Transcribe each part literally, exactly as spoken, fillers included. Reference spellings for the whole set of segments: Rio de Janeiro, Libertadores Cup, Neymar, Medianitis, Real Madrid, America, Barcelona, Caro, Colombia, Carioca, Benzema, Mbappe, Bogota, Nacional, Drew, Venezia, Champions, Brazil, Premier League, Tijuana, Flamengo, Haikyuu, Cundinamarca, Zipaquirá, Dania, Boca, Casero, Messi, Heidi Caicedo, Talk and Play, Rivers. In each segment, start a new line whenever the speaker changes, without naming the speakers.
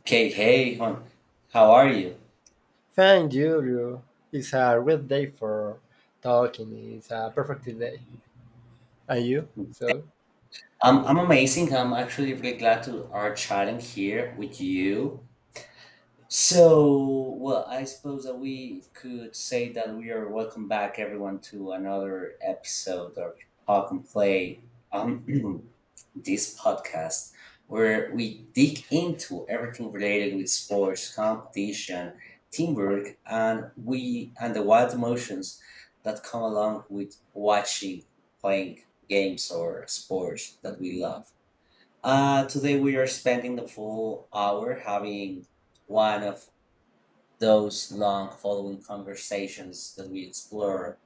Okay, hey, hon. How are you?
Thank you, Drew. It's a great day for talking. It's a perfect day. And you? So?
I'm I'm amazing. I'm actually really glad to are chatting here with you. So, well, I suppose that we could say that we are welcome back, everyone, to another episode of Talk and Play. Um, this podcast where we dig into everything related with sports, competition, teamwork, and we and the wild emotions that come along with watching, playing games or sports that we love. Uh, today we are spending the full hour having one of those long following conversations that we explore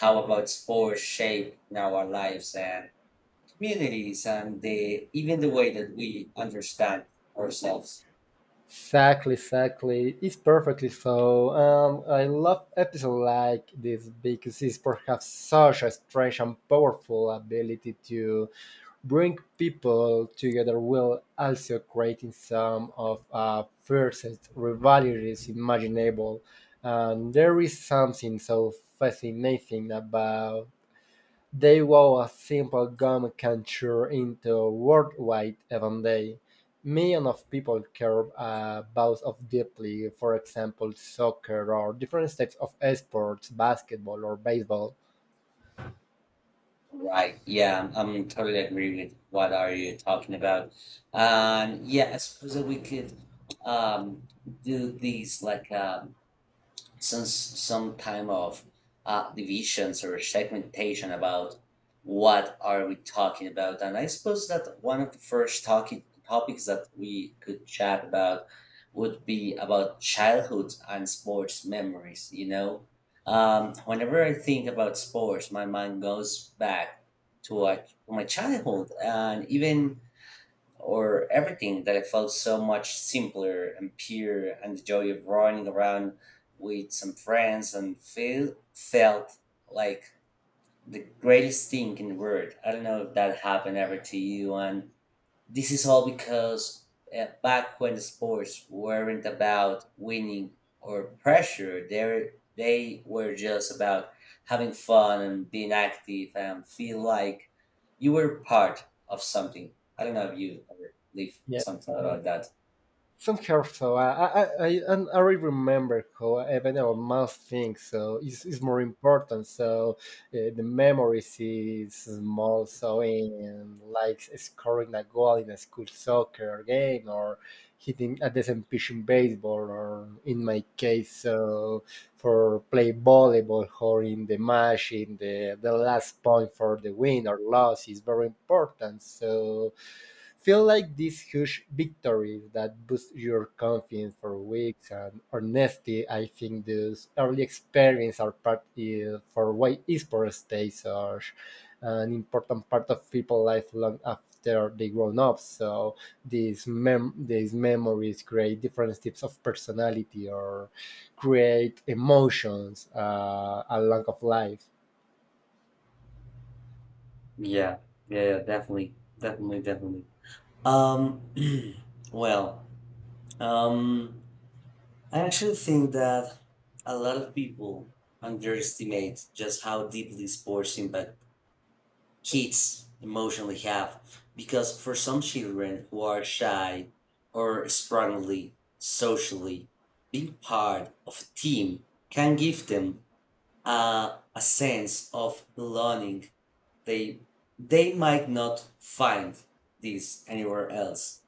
how about sports shape now our lives and communities and the even the way that we understand ourselves.
Exactly, exactly. It's perfectly so. Um, I love episodes like this because it's perhaps such a strange and powerful ability to bring people together while also creating some of uh, fiercest rivalries imaginable. And there is something so fascinating about they wore a simple gum can turn into a worldwide event day. Millions of people care about of deeply, for example, soccer or different types of sports, basketball or baseball.
Right, yeah, I'm totally agree with what are you talking about. And yeah, I suppose that we could um do these like um since some time of uh, divisions or segmentation about what are we talking about. And I suppose that one of the first talking topics that we could chat about would be about childhood and sports memories you know um, Whenever I think about sports, my mind goes back to, uh, to my childhood and even or everything that it felt so much simpler and pure, and the joy of running around with some friends and feel, felt like the greatest thing in the world. I don't know if that happened ever to you, and this is all because uh, back when sports weren't about winning or pressure, they they were just about having fun and being active and feel like you were part of something. I don't know if you ever leave
Yeah.
something about that.
Some her so I I I, and I really remember how even our mouse things so it's, it's more important so uh, the memories is small so in like scoring a goal in a school soccer game or hitting a decent pitch in baseball or in my case so for play volleyball or in the match in the, the last point for the win or loss is very important so feel like these huge victories that boost your confidence for weeks and honesty I think those early experience are part uh, for why esports stays such an important part of people life long after they grown up so these mem these memories create different types of personality or create emotions, uh, along of life.
Yeah, yeah, yeah, definitely, definitely, definitely. Um, well, um, I actually think that a lot of people underestimate just how deeply sports impact kids emotionally have, because for some children who are shy or strongly socially, being part of a team can give them uh, a sense of belonging they they might not find this anywhere else.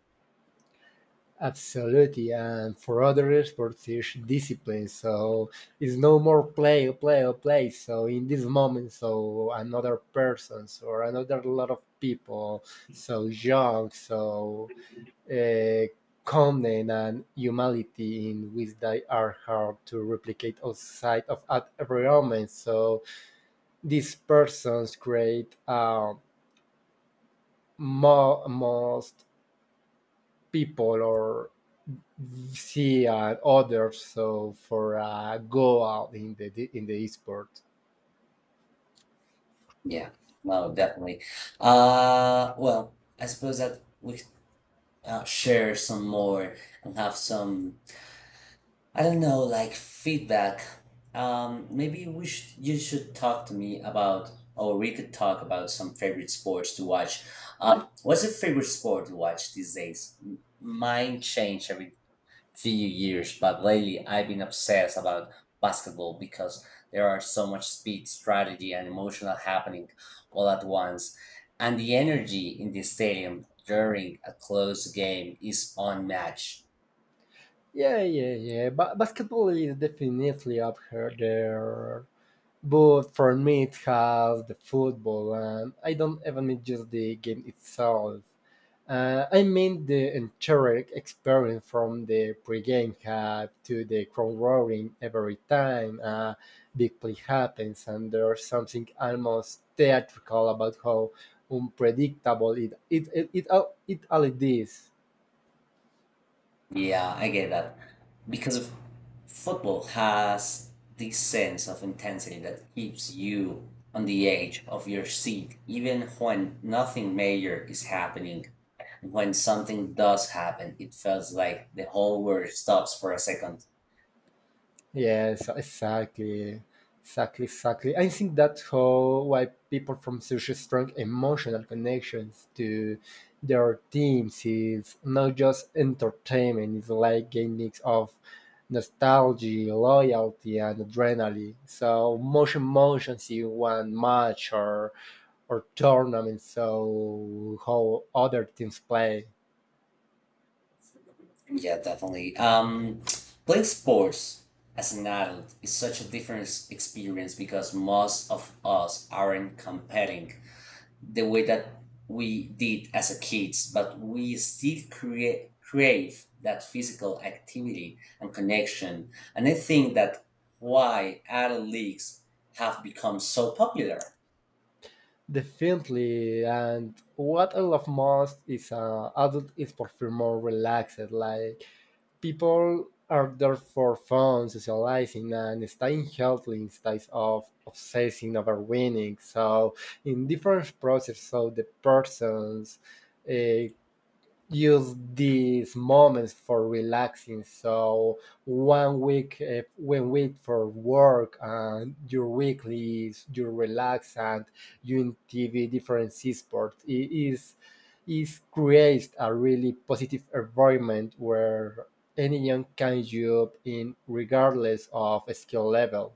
Absolutely, and for other sports is discipline. So it's no more play, play, play. So in this moment, so another persons or another lot of people, so young, so uh, calmness and humility in which they are hard to replicate outside of at every moment. So these persons create a mo- most people or see uh, others so for uh, go out in the in the esport.
Yeah, well, definitely. Uh well, I suppose that we uh, share some more and have some, I don't know, like feedback. Um, maybe we should you should talk to me about, or we could talk about some favorite sports to watch. Um, what's your favorite sport to watch these days? M- Mine changed every few years, but lately I've been obsessed about basketball because there are so much speed, strategy, and emotional happening all at once, and the energy in the stadium during a close game is unmatched.
Yeah, yeah, yeah, but basketball is definitely up here there, but for me it has the football and I don't even mean just the game itself. Uh, I mean the entire experience from the pregame hype to the crowd roaring every time a big play happens, and there's something almost theatrical about how unpredictable it it it it, it, it all it all it is.
Yeah, I get that. Because of football has this sense of intensity that keeps you on the edge of your seat, even when nothing major is happening. When something does happen, it feels like the whole world stops for a second.
Yes, exactly. Exactly, exactly. I think that's how why people from such strong emotional connections to their teams is not just entertainment, it's like a mix of nostalgia, loyalty and adrenaline. So much emotions in one match or or tournament so how other teams play.
Yeah, definitely. Um, playing sports as an adult is such a different experience because most of us aren't competing the way that we did as a kids, but we still create crave that physical activity and connection. And I think that why adult leagues have become so popular,
Definitely, and what I love most is uh, adult is perform more relaxed. Like people are there for fun, socializing, and staying healthy instead of obsessing over winning. So, in different process, so the persons uh, use these moments for relaxing. So one week, uh, one week for work, and your weekly is you relax and you in T V different sports. It is is creates a really positive environment where anyone can job in regardless of skill level.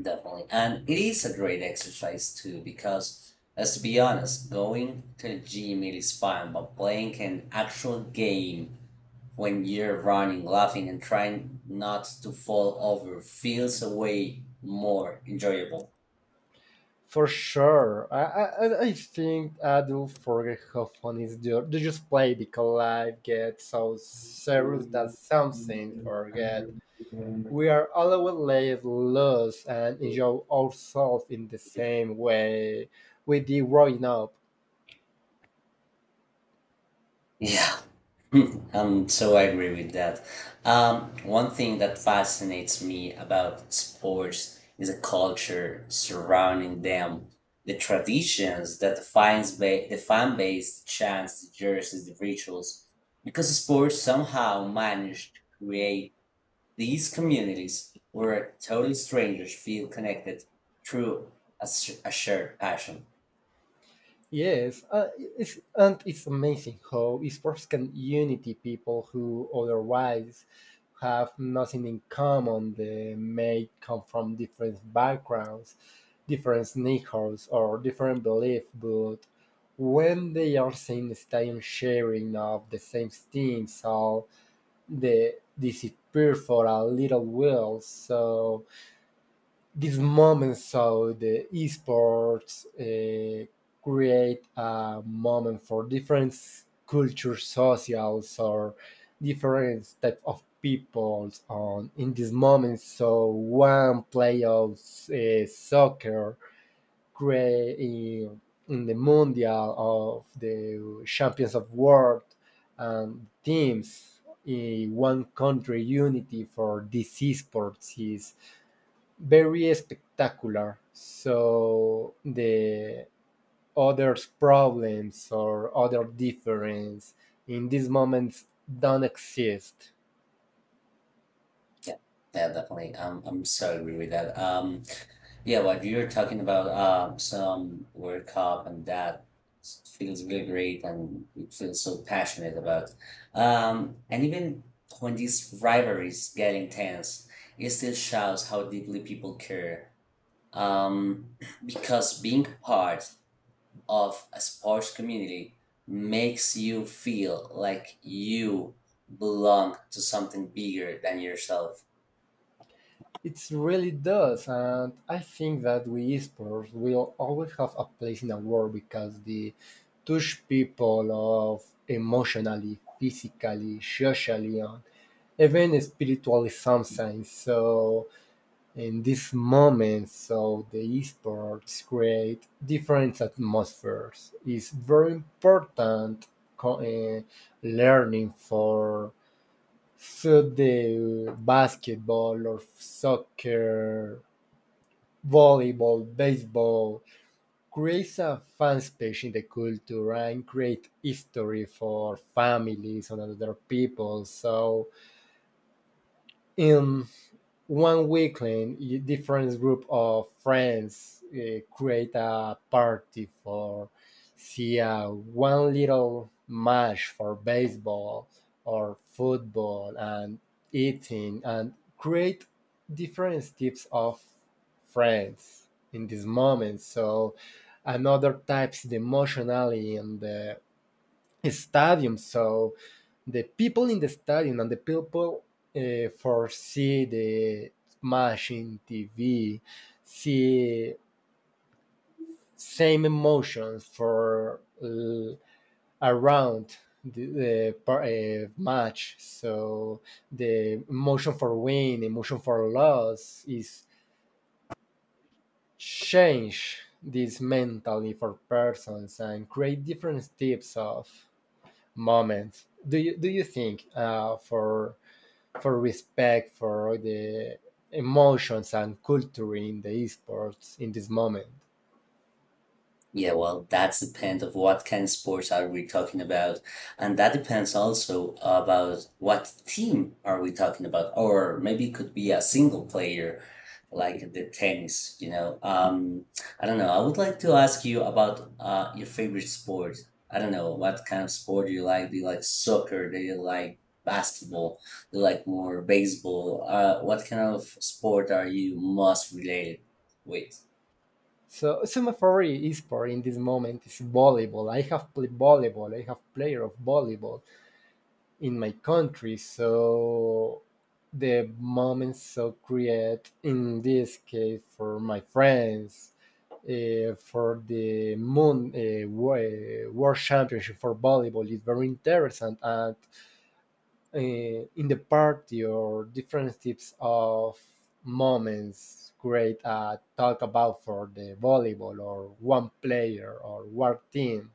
definitely. And it is a great exercise too, because let's be honest, going to the gym it is fun, but playing an actual game when you're running, laughing, and trying not to fall over feels a way more enjoyable.
For sure. I, I, I think I do forget how funny is the, the just play because life gets so serious that some things forget. We are always laid loose and enjoy ourselves in the same way we did growing up.
Yeah, um, so I agree with that. Um, one thing that fascinates me about sports is the culture surrounding them, the traditions that defines ba- the fan base, the chants, the jerseys, the rituals, because sports somehow managed to create these communities where total strangers feel connected through a, sh- a shared passion.
Yes, uh, it's, and it's amazing how sports can unity people who otherwise have nothing in common. They may come from different backgrounds, different neighborhoods, or different beliefs, but when they are in the stadium sharing of the same things, so they disappear for a little while. So this moment so the esports uh, create a moment for different cultures socials or different type of people on in this moment so one play of uh, soccer create in, in the mundial of the champions of world and teams in one country unity for this esports is very spectacular. So the others' problems or other difference in these moments don't exist.
Yeah, yeah, definitely. Um, I'm so agree with that. Um, yeah, what you were talking about, um, some World Cup, and that feels really great and you feel so passionate about. Um, and even when these rivalries get intense, it still shows how deeply people care. Um, because being part of a sports community makes you feel like you belong to something bigger than yourself.
It really does, and I think that we esports will always have a place in the world because they touch people of emotionally, physically, socially, and even spiritually sometimes. So in these moments so the esports create different atmospheres it's very important co- uh, learning for so the basketball or soccer volleyball baseball creates a fan space in the culture and create history for families and other people so um, one weekend, different group of friends uh, create a party for see uh, one little match for baseball or football and eating and create different types of friends in this moment. So another types the emotionally and the stadium. So the people in the stadium and the people uh, for the match in T V see same emotions for uh, around the, uh, match. So the emotion for win, emotion for loss is change this mentally for persons and create different types of moments. Do you do you think uh, for for respect for the emotions and culture in the esports in this moment.
Yeah, well, that's depend of what kind of sports are we talking about, and that depends also about what team are we talking about, or maybe it could be a single player, like the tennis. You know, um, I don't know. I would like to ask you about uh, your favorite sport. I don't know what kind of sport do you like. Do you like soccer? Do you like basketball? Do you like more baseball? Uh, what kind of sport are you most related with?
So some Semaphore esport in this moment is volleyball. I have played volleyball. I have player of volleyball in my country. So the moments so create in this case for my friends, uh, for the moon uh, uh, world championship for volleyball is very interesting and uh, in the party or different types of moments great uh, talk about for the volleyball or one player or one team.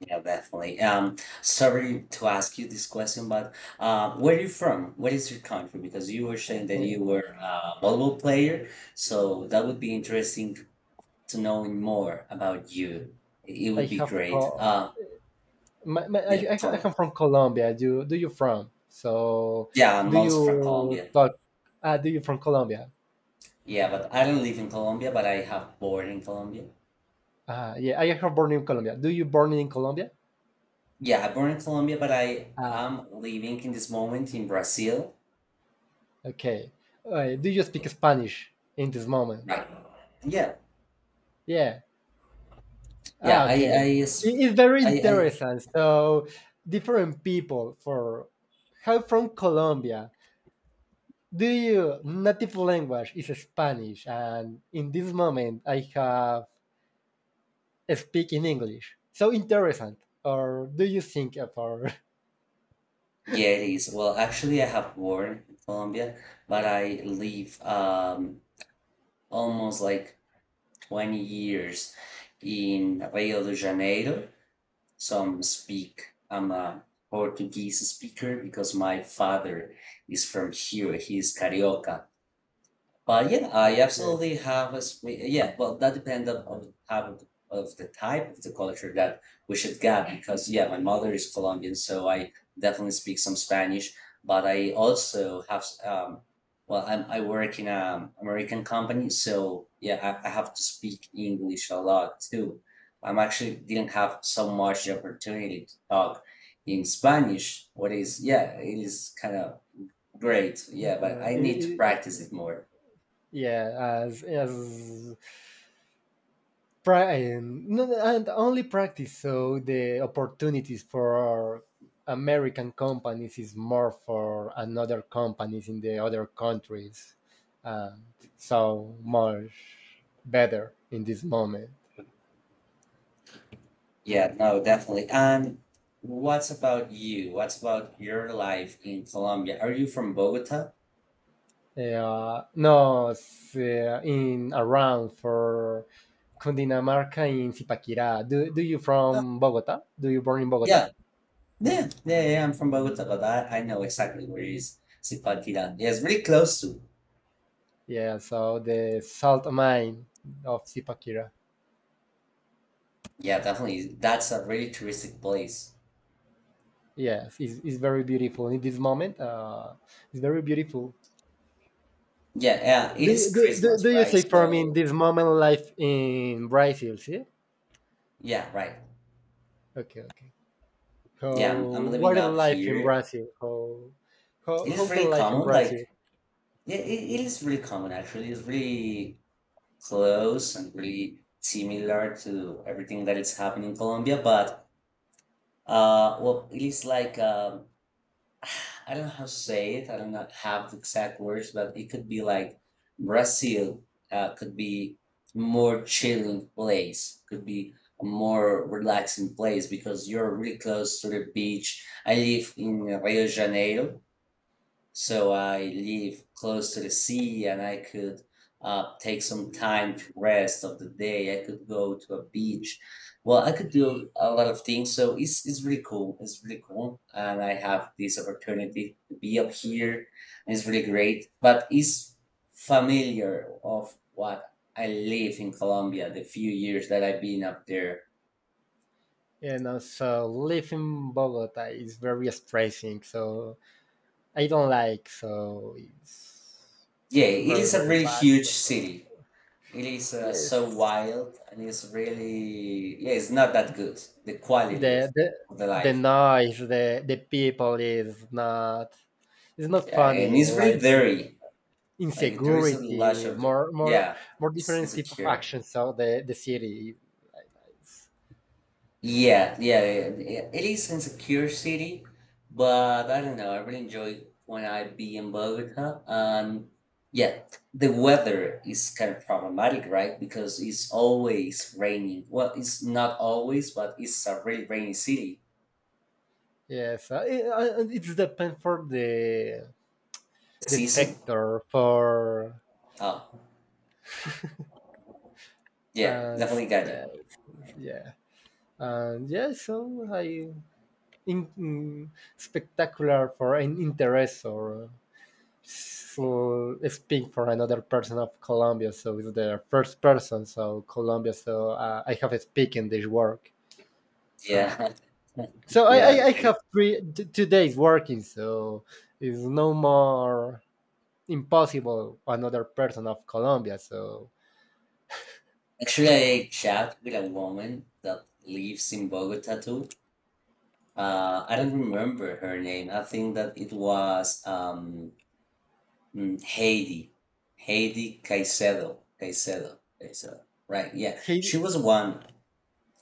Yeah, definitely. Um, sorry to ask you this question, but uh, where are you from? What is your country? Because you were saying that you
Uh,
were uh, a volleyball player, so that would be interesting to know more about you. It
I
would be
have
great.
co-
Uh,
my, my, I,
yeah,
I I
Col-
come from Colombia. Do do you from? So
yeah, I'm
do
also from
you
Colombia.
talk? Uh, do you from Colombia?
Yeah, but I don't live in Colombia, but I have born in Colombia.
Uh, yeah, I have born in Colombia. Do you born in Colombia?
Yeah, I born in Colombia, but I
Ah,
am living in this moment in Brazil.
okay. Uh, do you speak Spanish in this moment?
Right. Yeah,
Yeah.
yeah.
Ah,
I
okay.
I
It-
s-
It's very
I I
interesting. So, different people for how from Colombia. Do you native language is Spanish, and in this moment I have speak in English. So interesting. Or do you think for
Yeah, it is. Well, actually, I have born in Colombia, but I live um, almost like twenty years in Rio de Janeiro. So I'm speak, I'm a Portuguese speaker because my father is from here. He's Carioca. But yeah, I
okay?
absolutely have a sweet. Yeah, well, that depends on of how of the type of the culture that we should get because yeah, my mother is Colombian, so I definitely speak some Spanish. But I also have s- um, well, I'm, I work in a American company, so yeah, I, I have to speak English a lot too. I'm actually didn't have so much the opportunity to talk in Spanish. What is yeah, it is kind of great.
you
Yeah, but
know,
I
it-
need to
it-
practice it more.
yeah, as as pra- and, no, no, and only practice so the opportunities for american companies is more for another companies in the other countries and so much better in this moment.
Yeah, no, definitely. Um, what's about you? What's about your life in Colombia? Are you from Bogota?
Uh, no s- uh, in around for Cundinamarca in Zipaquirá. Do, do you
Uh,
from Bogota? Do you born in Bogota?
yeah, yeah, yeah, yeah. I'm from Bogota, but I, I know exactly where it is. Zipaquirá. Yeah, it's really close to.
Yeah, so the salt mine of Zipaquirá.
Yeah, definitely. That's a really touristic place.
Yes, it's, it's very beautiful. In this moment, uh, it's very beautiful.
Yeah, yeah. It
Do, you-
is
do, do,
Christmas,
do you
right?
say for me in
So
this moment life in Brazil? See?
yeah, right.
Okay, okay.
Yeah, I'm, I'm
How
living
what is
up
life in
here.
Brazil? How how
It
how
is
the
really
life in
common. Like,
Brazil?
yeah, it, it is really common actually. It's really close and really similar to everything that is happening in Colombia. But uh, well, it is like um, I don't know how to say it. I don't know- Have the exact words, but it could be like Brazil uh, could be more chilling place, could be a more relaxing place because you're really close to the beach. I live in Rio de Janeiro, so I live close to the sea and I could uh, take some time to rest of the day. I could go to a beach. Well, I could do a lot of things. So it's, it's really cool. It's really cool. And I have this opportunity to be up here. And it's really great. But it's familiar of what I live in Colombia, the few years that I've been up there.
And also life in Bogota is very stressing. So I don't like. So it's
Yeah, it
very
is a
very
really
bad.
huge
So,
city. It is uh, so
yes,
wild and it's really, yeah, it's not that good. The quality of,
The the
of the
the
life.
noise, the the people is not it's not
Yeah, and
funny.
it's really
Like
dirty. Like, there is a lot
insecurity,
of dirt.
more more
Yeah,
more
it's
different type of
insecure.
actions of the the city. Like,
Yeah, yeah, yeah, yeah. It is insecure city, but I don't know. I really enjoy when I be in Bogota. And yeah, the weather is kind of problematic, right? Because it's always raining. Well, it's not always, but it's a really rainy city.
yes, uh, it, uh, it's depend for the the
Season.
sector for
Oh. Yeah,
uh, s-
definitely got it.
uh, yeah. And yeah, so I in, in spectacular for an interest or so speak for another person of Colombia, so it's the first person, so Colombia, so uh, I have a speak this work.
Yeah.
So I,
Yeah.
I, I have three t- two days working, so it's no more impossible another person of Colombia. So
Actually, I chat with a woman that lives in Bogota too. Uh, I don't remember her name. I think that it was um, mm, Heidi. Heidi Caicedo. Caicedo. Caicedo. Right. Yeah.
he
She was one.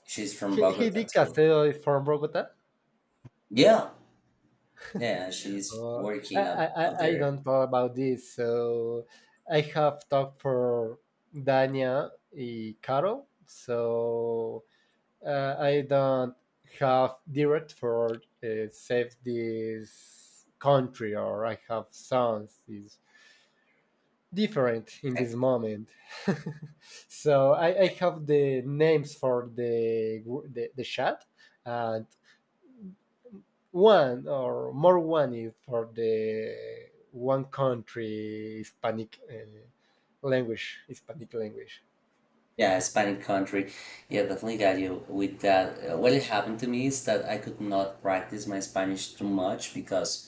She's from
he he
Bogota
did
too.
Casero is from Bogota.
Yeah. Yeah. She's
Uh, I,
working
I
up, up
I I
there.
don't know about this, so I have talked for Dania and Caro. So uh, I don't have direct for uh, save this country or I have sounds is different in this moment. so I, I have the names for the the, the chat and one or more one is for the one country Hispanic uh, language, Hispanic language.
Yeah, Hispanic country. Yeah, definitely got you with that. Uh, What it happened to me is that I could not practice my Spanish too much because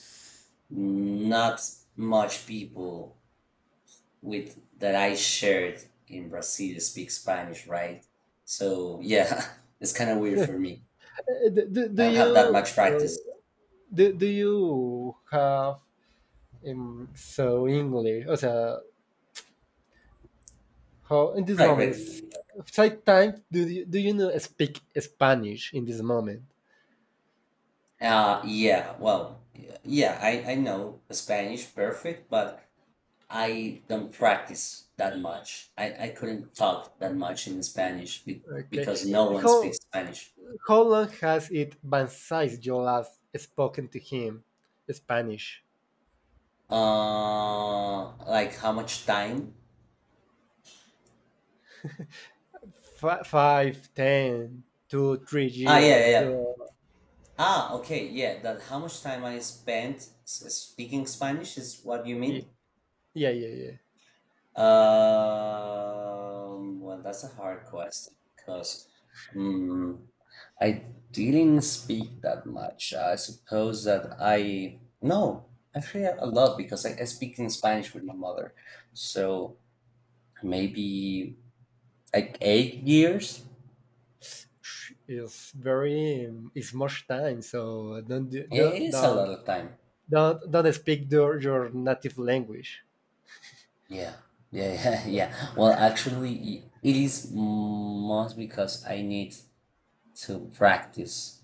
not much people with that I shared in Brazil speak Spanish, right? So yeah, it's kind of weird for me.
do, do
I
do
don't have that
you
much
uh,
practice.
do, do you have Um, so English, o sea, how in this
Right, right.
moment, take time. Do you do you know speak Spanish in this moment?
Uh, yeah, well, yeah, I, I know Spanish perfect, but I don't practice that much. I, I couldn't talk that much in Spanish be,
Okay.
because no
Uh,
one
How
speaks Spanish.
how long has it been since you last spoken to him Spanish?
Uh, like how much time?
F- five, ten, two, three
Ah, yeah, yeah,
years.
yeah.
Do
Ah, okay, yeah. That how much time I spent s- speaking Spanish is what you mean?
yeah, yeah, yeah.
Um, well, that's a hard question because I didn't speak that much. I suppose that I no, actually a lot because I, I speak in Spanish with my mother. So maybe like eight years.
Sh- It's very um, it's much time. So don't do,
Yeah,
do-
it is a
don't
lot of time.
don't don't speak your, your native language.
Yeah, yeah, yeah, yeah. Well, actually, i- it is most because I need to practice.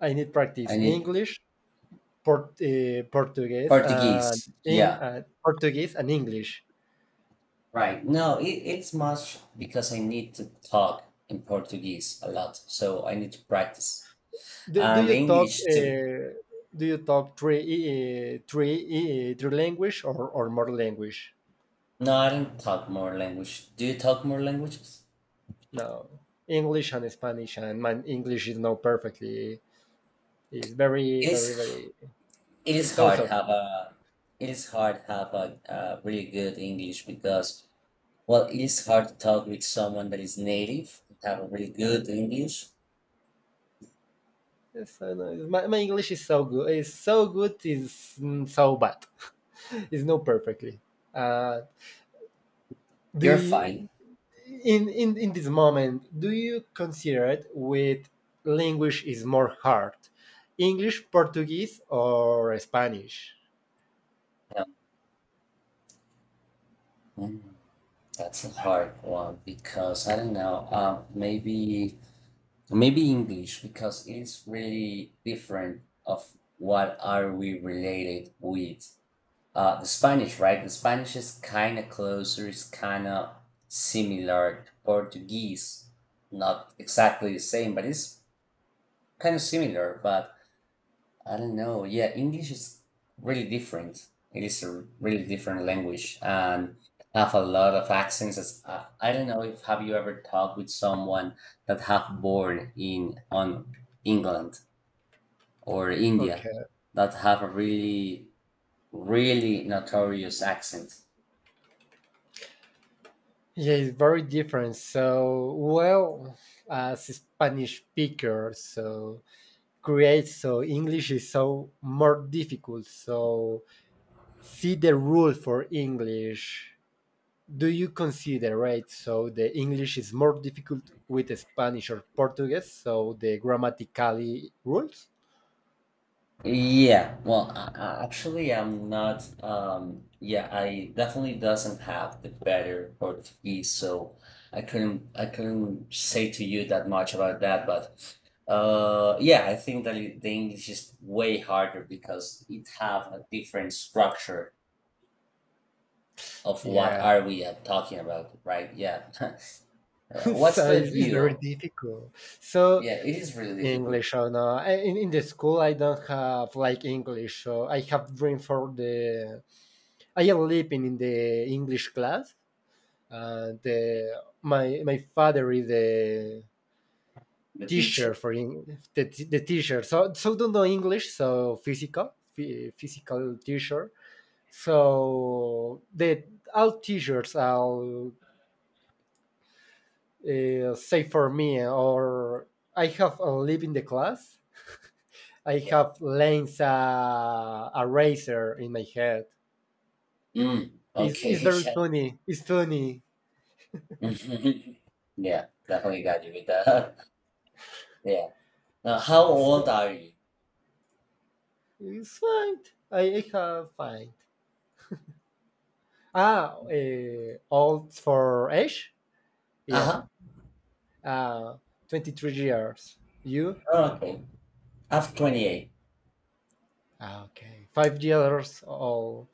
I need
I
practice
need
English, port, uh, Portuguese, and
Portuguese.
in,
Yeah,
uh, Portuguese and English.
right. No, it, it's much because I need to talk in Portuguese a lot, so I need to practice.
Do, do
Um,
you talk?
English too.
Uh, do you talk three, uh, three, uh, three language or, or more language?
No, I don't talk more language. Do you talk more languages?
No, English and Spanish, and my English is not perfectly. It's very,
It
very,
is
very.
it is
It's
hard
also.
have a it is hard have a, a really good English because well it is hard to talk with someone that is native and have a really good English.
Yes, I know. My, my English is so good. It's so good. It's mm, so bad. it's not perfectly. Uh, do
You're
you,
fine.
in, in in this moment do you consider it with language is more hard english portuguese or spanish
Yeah. Mm, that's a hard one because I don't know. Um, maybe maybe English because it is really different of what are we related with. Uh, the Spanish, right? The Spanish is kind of closer. It's kind of similar to Portuguese. Not exactly the same, but it's kind of similar. But I don't know. Yeah, English is really different. It is a really different language and have a lot of accents. As, uh, I don't know if have you ever talked with someone that have born in on England or India
okay
that have a really, really notorious accent.
yeah it's very different so well as a spanish speaker so create so english is so more difficult so see the rule for english do you consider right so the english is more difficult with spanish or portuguese so the grammatically rules.
Yeah, well, I, I- actually, I'm not. Um, yeah, I definitely doesn't have the better Portuguese, so I couldn't I couldn't say to you that much about that. But uh, yeah, I think that it- the English is way harder because it have a different structure of what
Yeah,
are we uh, talking about, right? Yeah. Uh, what's
so
about
it's, it's very
you?
difficult. So
Yeah, it is really difficult.
English, or no, I, in in the school I don't have like English. So I have been for the I am living in the English class, and uh, my my father is the
The
teacher
teacher?
for Eng- the t- the teacher. So so don't know English, so physical phy- physical teacher. So the all teachers are uh, say for me or I have a leap in the class. I
Yeah.
have lanes, uh, a razor in my head.
Mm,
It's, it's
okay.
very funny, it's funny.
Mhm. Yeah, definitely got you with that. Yeah. Now, how old
So
are you?
it's fine. i, I have fine, ah uh, old for age. Yeah.
Uh-huh.
Uh, twenty-three years you.
Oh, okay. I'm twenty-eight.
Ah, okay, five years old.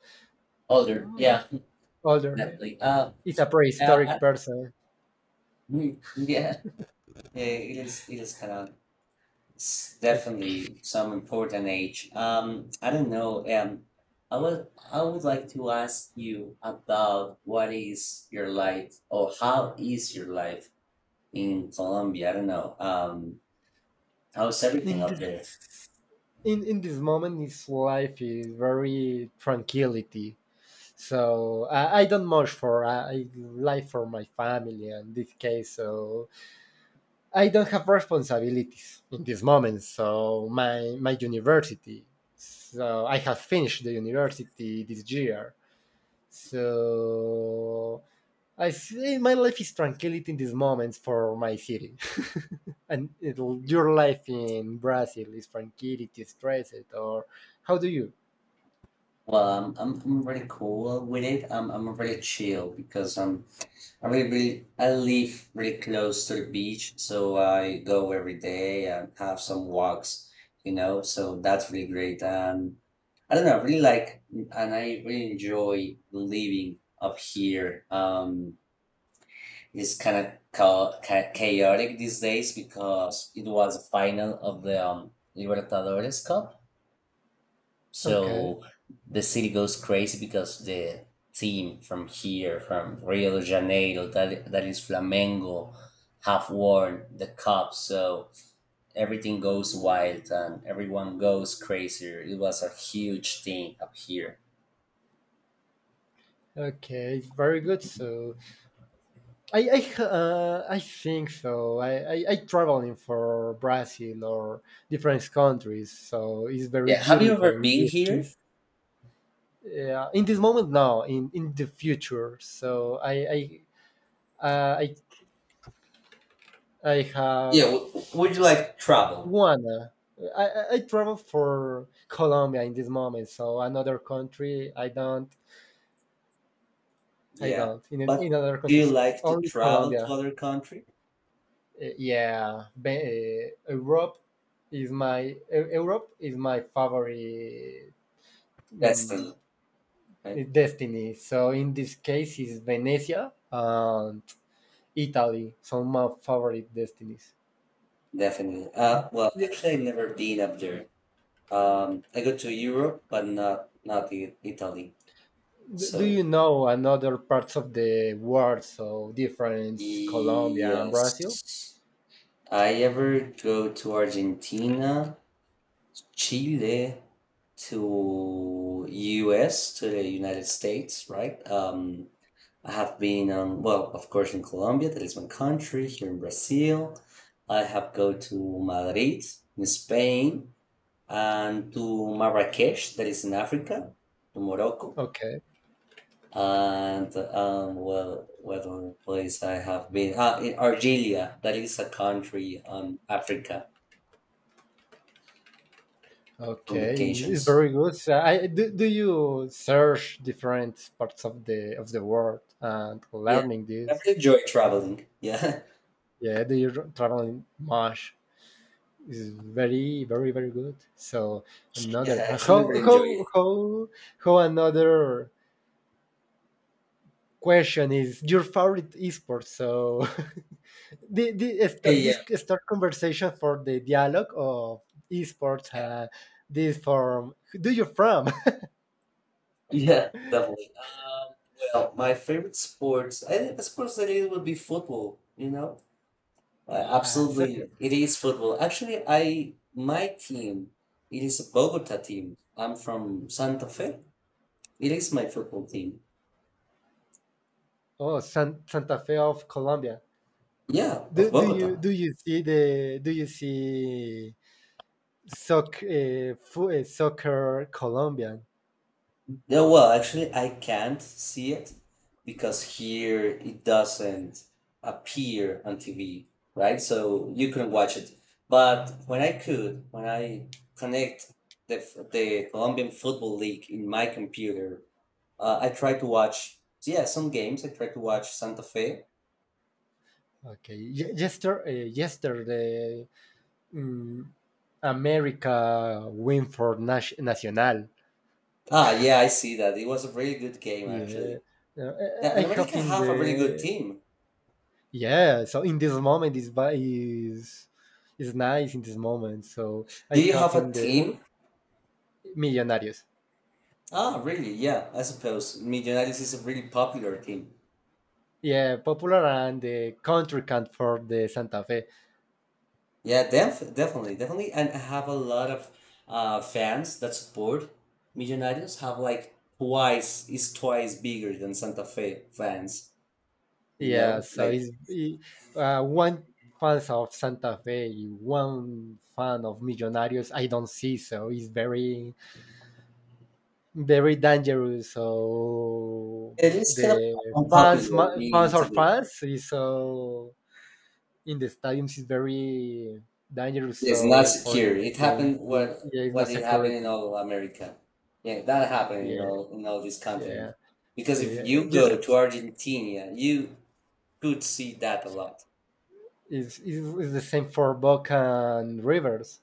Older.
Oh,
Yeah,
older, yeah.
definitely. Uh,
It's a
uh, I,
prehistoric person.
mm, yeah, eh, it is, it is kind of, it's
Uh,
definitely some important age. Um, I don't know. Um, I would, I would like to ask you about what is your life or how is your life in Colombia? I don't know. Um, how's everything
in
up there?
this, in in this moment his life is very tranquility. So i, I don't much for I, I live for my family in this case. So I don't have responsibilities in this moment, so my my university. So I have finished the university this year. So I say my life is tranquility in these moments for my city. And it'll, your life in Brazil is tranquility, stress it, or how do you?
Well, I'm I'm I'm really cool with it. I'm I'm really chill because um I really really I live really close to the beach, so I go every day and have some walks, you know. So that's really great. And I don't know, I really like and I really enjoy living up here. Um, it's kind of cha cha- chaotic these days because it was the final of the um, Libertadores Cup.
Okay,
So the city goes crazy because the team from here, from Rio de Janeiro, that, that is Flamengo, have won the cup. So everything goes wild and everyone goes crazy. It was a huge thing up here.
okay, very good. So I I uh, I think so. I, I I traveling for Brazil or different countries, so it's very
Yeah. Have you ever
beautiful in
been
this
here?
case. Yeah, in this moment now, in in the future. So I I uh, I I have
Yeah, w- would you like to travel?
Tijuana. I, I I travel for Colombia in this moment, so another country I don't. I
Yeah,
don't in an-
but
in other
do you
countries.
like to
Only
travel to
Colombia.
other country?
Eh, Yeah. Be- eh, Europe is my Eu- Europe is my favorite,
That's
mm,
the right?
destiny. So in this case is Venezia and Italy. So my favorite destinies.
Definitely. Uh, well,
D-
actually, I've never been up there. Um, I go to Europe, but not not I- Italy.
Do
So
you know another parts of the world? So difference Colombia and Brazil?
yes, I ever go to Argentina, Chile, to U S, to the United States, right? Um, I have been um, well, of course, in Colombia, that is my country. Here in Brazil, I have go to Madrid in Spain and to Marrakesh, that is in Africa, to Morocco.
Okay,
And um, well, what other place I have been? Ah, in Argelia. That is a country on Africa from
okay, it's, it's
vacations.
very good. So, I, do, do you search different parts of the of the world and
Yeah,
learning
I
this?
really enjoy traveling. Yeah,
Yeah, do you tra- traveling much? Is very, very, very good. So another,
yeah, I actually
how
really enjoy
how
it.
how how another question is your favorite esport? So the, the
Yeah,
st-
yeah,
this start conversation for the dialogue of esports.
yeah,
Uh, this form, do you from?
yeah, definitely. Um, well, my favorite sports, I think the sports that it would be football. You know, uh,
Uh,
absolutely,
soccer?
it is football. Actually, I my team, it is a Bogota team. I'm from Santa Fe. It is my football team.
Oh, San, Santa Fe of Colombia.
Yeah, of
Do, do you
Bogota.
do you see the, do you see soccer, uh, fu- uh, soccer Colombian?
Yeah, well, actually, I can't see it because here it doesn't appear on T V, right? So you couldn't watch it. But when I could, when I connect the f- the Colombian Football League in my computer, uh, I tried to watch, yeah, some games. I tried to watch Santa Fe.
Okay, Ye- yester, uh, yesterday, um, America win for Nash, Nacional.
Ah, yeah, I see that. It was a really good game,
Yeah.
actually.
Uh,
Yeah,
I I
and
have
America
in
have a really good
the,
team.
yeah. So in this moment is ba- is is nice in this moment. So
Do
I
you
have
have a
in the, oh,
team?
Millonarios.
Ah, really? Yeah, I suppose. Medianitis is a really popular team.
Yeah, popular and the country cat for the Santa Fe.
Yeah, def definitely, definitely. And I have a lot of uh, fans that support Medianitis have like twice, is twice bigger than Santa Fe fans, you
Yeah,
know?
so
Like,
he's he, uh, one fans of Santa Fe, one fan of Millonarios. I don't see, so he's very, very dangerous. So
it is kind of
the fans,
unpopular
ma- fans
being
or
today.
fans, is so in the stadiums is very dangerous.
It's not
So for
secure.
in the
It
team,
happened what
yeah, it's
what
not
did happen in
security.
all America. Yeah, that happened in
Yeah,
all in all this
yeah.
continent. Because if
See,
you go to
just
Argentina, you could see that a lot.
is, is, is the same for Boca and Rivers.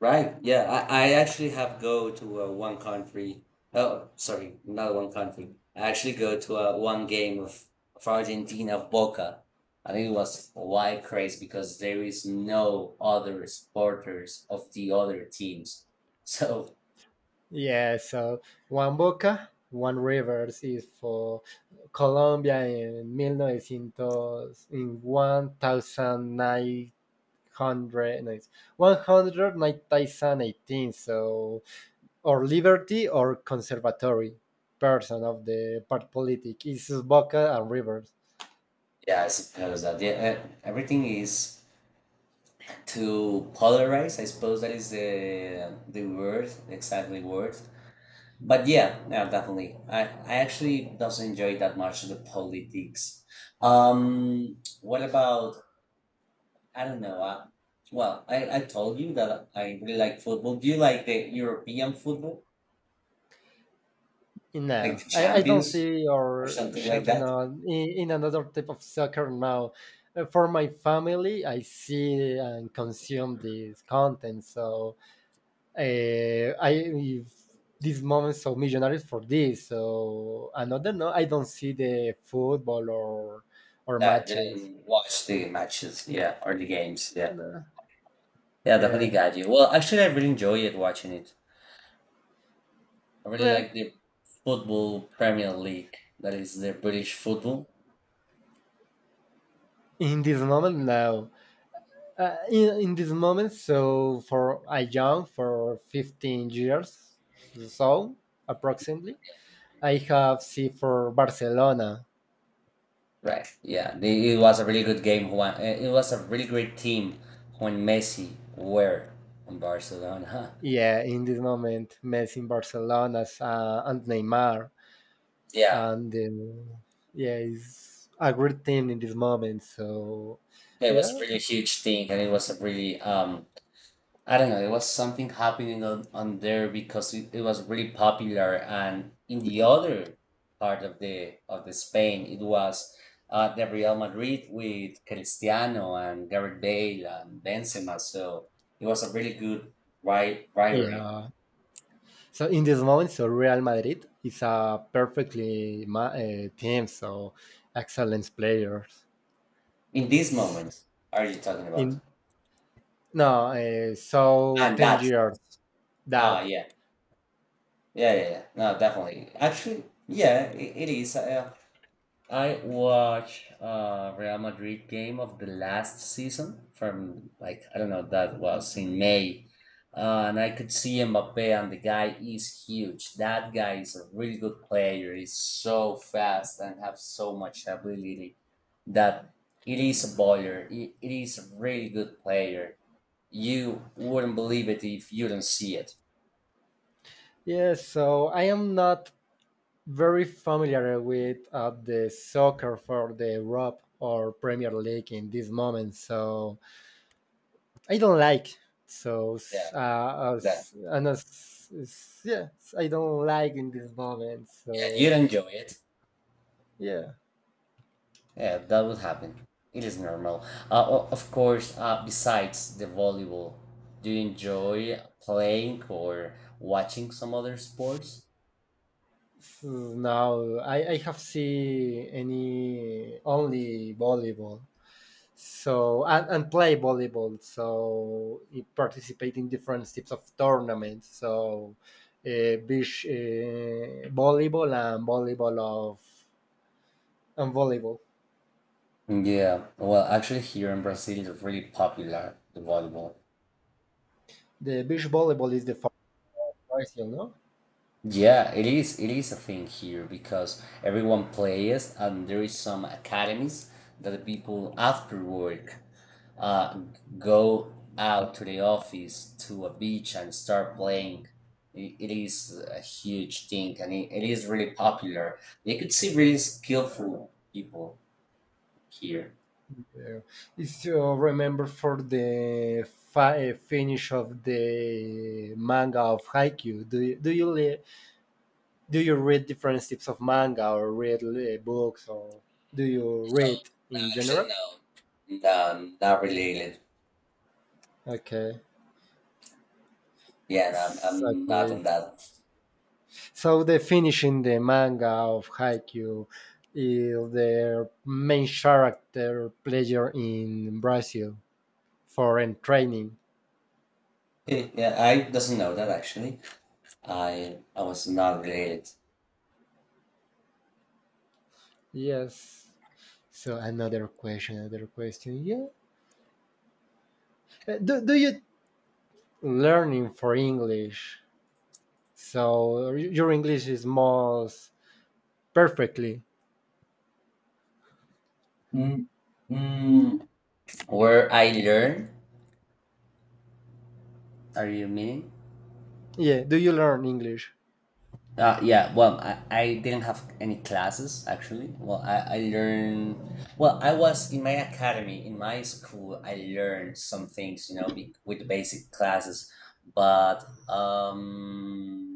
Right. Yeah. I, I actually have go to uh, one country. Oh, sorry, not one country. I actually go to uh, one game of, of Argentina of Boca. I think it was wide craze because there is no other supporters of the other teams. So
Yeah, so one Boca, one Rivers is for Colombia in one thousand nine hundred, in one thousand nine hundred, no, nineteen eighteen, so or liberty or conservatory person of the part politic is Boca and Rivers.
yeah, I suppose that yeah, uh, everything is to polarize. I suppose that is the the word, the exactly word. But yeah, no, definitely. I, I actually doesn't enjoy that much the politics. Um, what about? I don't know. Uh, well, I, I told you that I really like football. Do you like the European football, like
No,
the
I, I don't
Champions
see
or
our
something like
champion
that?
in, in another type of soccer now. Uh, For my family, I see and consume this content. So uh, I if this moment so millionaires for this. So another, no, I don't see the football or or
That
matches.
didn't watch the matches, yeah, or the games, yeah.
No.
Yeah, definitely
Yeah,
got you. Well, actually, I really enjoy it watching it. I really
well,
like the football Premier League, that is the British football.
in this moment now. uh, in, in this moment, so for I young for fifteen years, so approximately I have see for Barcelona.
Right. Yeah. The- it was a really good game when eh, it was a really great team when Messi were on Barcelona.
Yeah, in this moment Messi in Barcelona, uh, and Neymar
Yeah.
and um, yeah, it's a great team in this moment. So
It was a
yeah,
really huge thing and it was a really um I don't know, it was something happening on, on there because it, it was really popular and in the other part of the of the Spain it was uh the Real Madrid with Cristiano and Gareth Bale and Benzema. So it was a really good ri rivalry.
yeah, so in this moment so Real Madrid is a perfectly ma- uh, team, so excellent players
In these moments, are you talking about?
in. No, uh, so
And
ten
that.
years
Ah,
that.
yeah. Yeah, yeah, yeah. No, definitely. Actually, yeah, I it is. Uh, I watched uh Real Madrid game of the last season from like I don't know that was in May, uh, and I could see Mbappe and the guy is huge. That guy is a really good player. He's so fast and have so much ability that it is a baller. It, it is a really good player. You wouldn't believe it if you don't see it.
Yes, so I am not very familiar with uh, the soccer for the Europe or Premier League in this moment, so I don't like. So,
Yeah,
s- uh,
that.
as, and as, s- yeah, I don't like in this moment.
Yeah, you'd
So,
enjoy it.
yeah,
Yeah, that would happen. It is normal. Uh, o- of course, uh, besides the volleyball, do you enjoy playing or watching some other sports?
so now I, I have seen any only volleyball. So and, and play volleyball so it participate in different types of tournaments. So uh, beach uh, volleyball and volleyball of and volleyball,
Yeah, well, actually, here in Brazil, it's really popular, the volleyball.
the beach volleyball is the first prize, you know.
Yeah, it is it is a thing here because everyone plays and there is some academies that the people after work uh, go out to the office to a beach and start playing. I- It is a huge thing and it, it is really popular. You could see really skillful people here.
Yeah. It's uh, remember for the fi- uh, finish of the manga of Haiku. Do you, do you li- do you read different types of manga or read uh, books? Or do you read
No,
in
actually,
general?
no. No, not related.
Okay.
Yeah, no, I'm,
S-
I'm not
Okay.
on that.
So the finishing the manga of Haikyuu is the main character pleasure in Brazil foreign training.
Yeah, I doesn't know that actually. I I was not great.
Yes. So another question, another question. Yeah. Uh, do, do you learning for English? So y- your English is most perfectly.
Mm, mm, where I learn? Are you meaning?
Yeah. Do you learn English?
Uh, yeah. Well, I, I didn't have any classes actually. Well, I I learned. Well, I was in my academy in my school. I learned some things, you know, be, with basic classes, but um.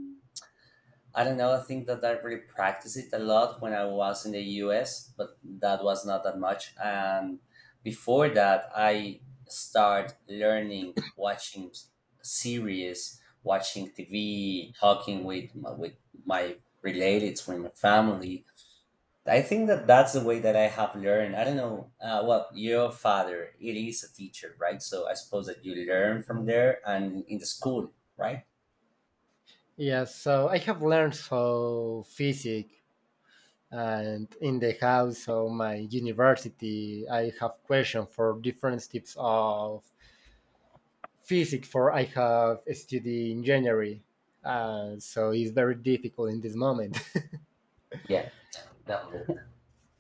I don't know. I think that I really practiced it a lot when I was in the U S, but that was not that much. And before that, I start learning, watching series, watching T V, talking with my, with my relatives, with my family. I think that that's the way that I have learned. I don't know. Uh, well, your father, it is a teacher, right? So I suppose that you learn from there and in the school, right?
Yes. So I have learned so physics and in the house of my university I have questions for different types of physics, for I have studied engineering, uh, so it's very difficult in this moment.
Yeah, definitely.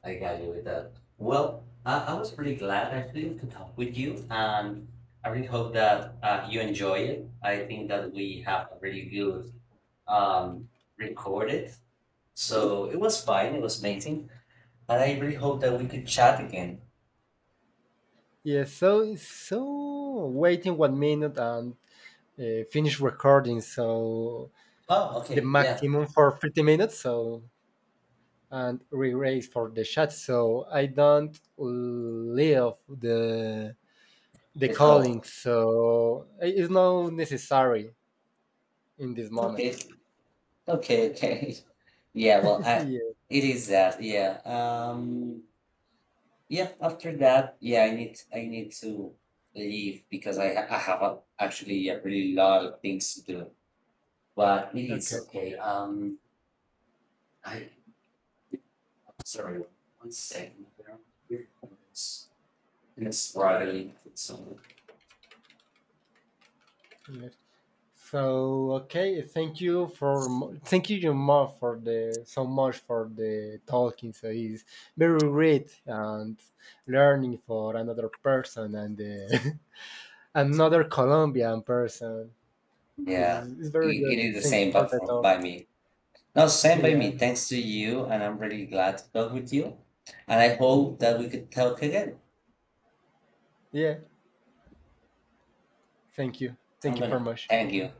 I got you with that. Well, I, I was really glad actually to talk with you, and I really hope that uh, you enjoy it. I think that we have a really good um, recorded, so it was fine. It was amazing, and I really hope that we could chat again.
Yes, so so waiting one minute and uh, finish recording, so
Oh,
the
okay, yeah,
maximum for thirty minutes, so and re-raise for the chat so I don't leave the the
it's cold.
calling, so it's not necessary in this moment.
Okay, okay, okay. Yeah, well, I,
Yeah.
it is that. Yeah. Um. Yeah, after that, yeah, I need I need to leave because I ha- I have a, actually a really lot of things to do. But it is
Okay.
okay.
Okay.
Um, I I'm sorry, one second. Where here, it's it's struggling with something.
Good. So okay, thank you for mo- thank you your mom for the so much for the talking. So it's very great and learning for another person and uh, another Colombian person is
Yeah,
is very
it, it
good.
is the
Thank you
same,
for
but
the
for,
talk.
by me. No, same by
Yeah.
me. Thanks to you, and I'm really glad to talk with you. And I hope that we could talk again.
Yeah. Thank you. Thank
I'm
you very
gonna
much.
thank you.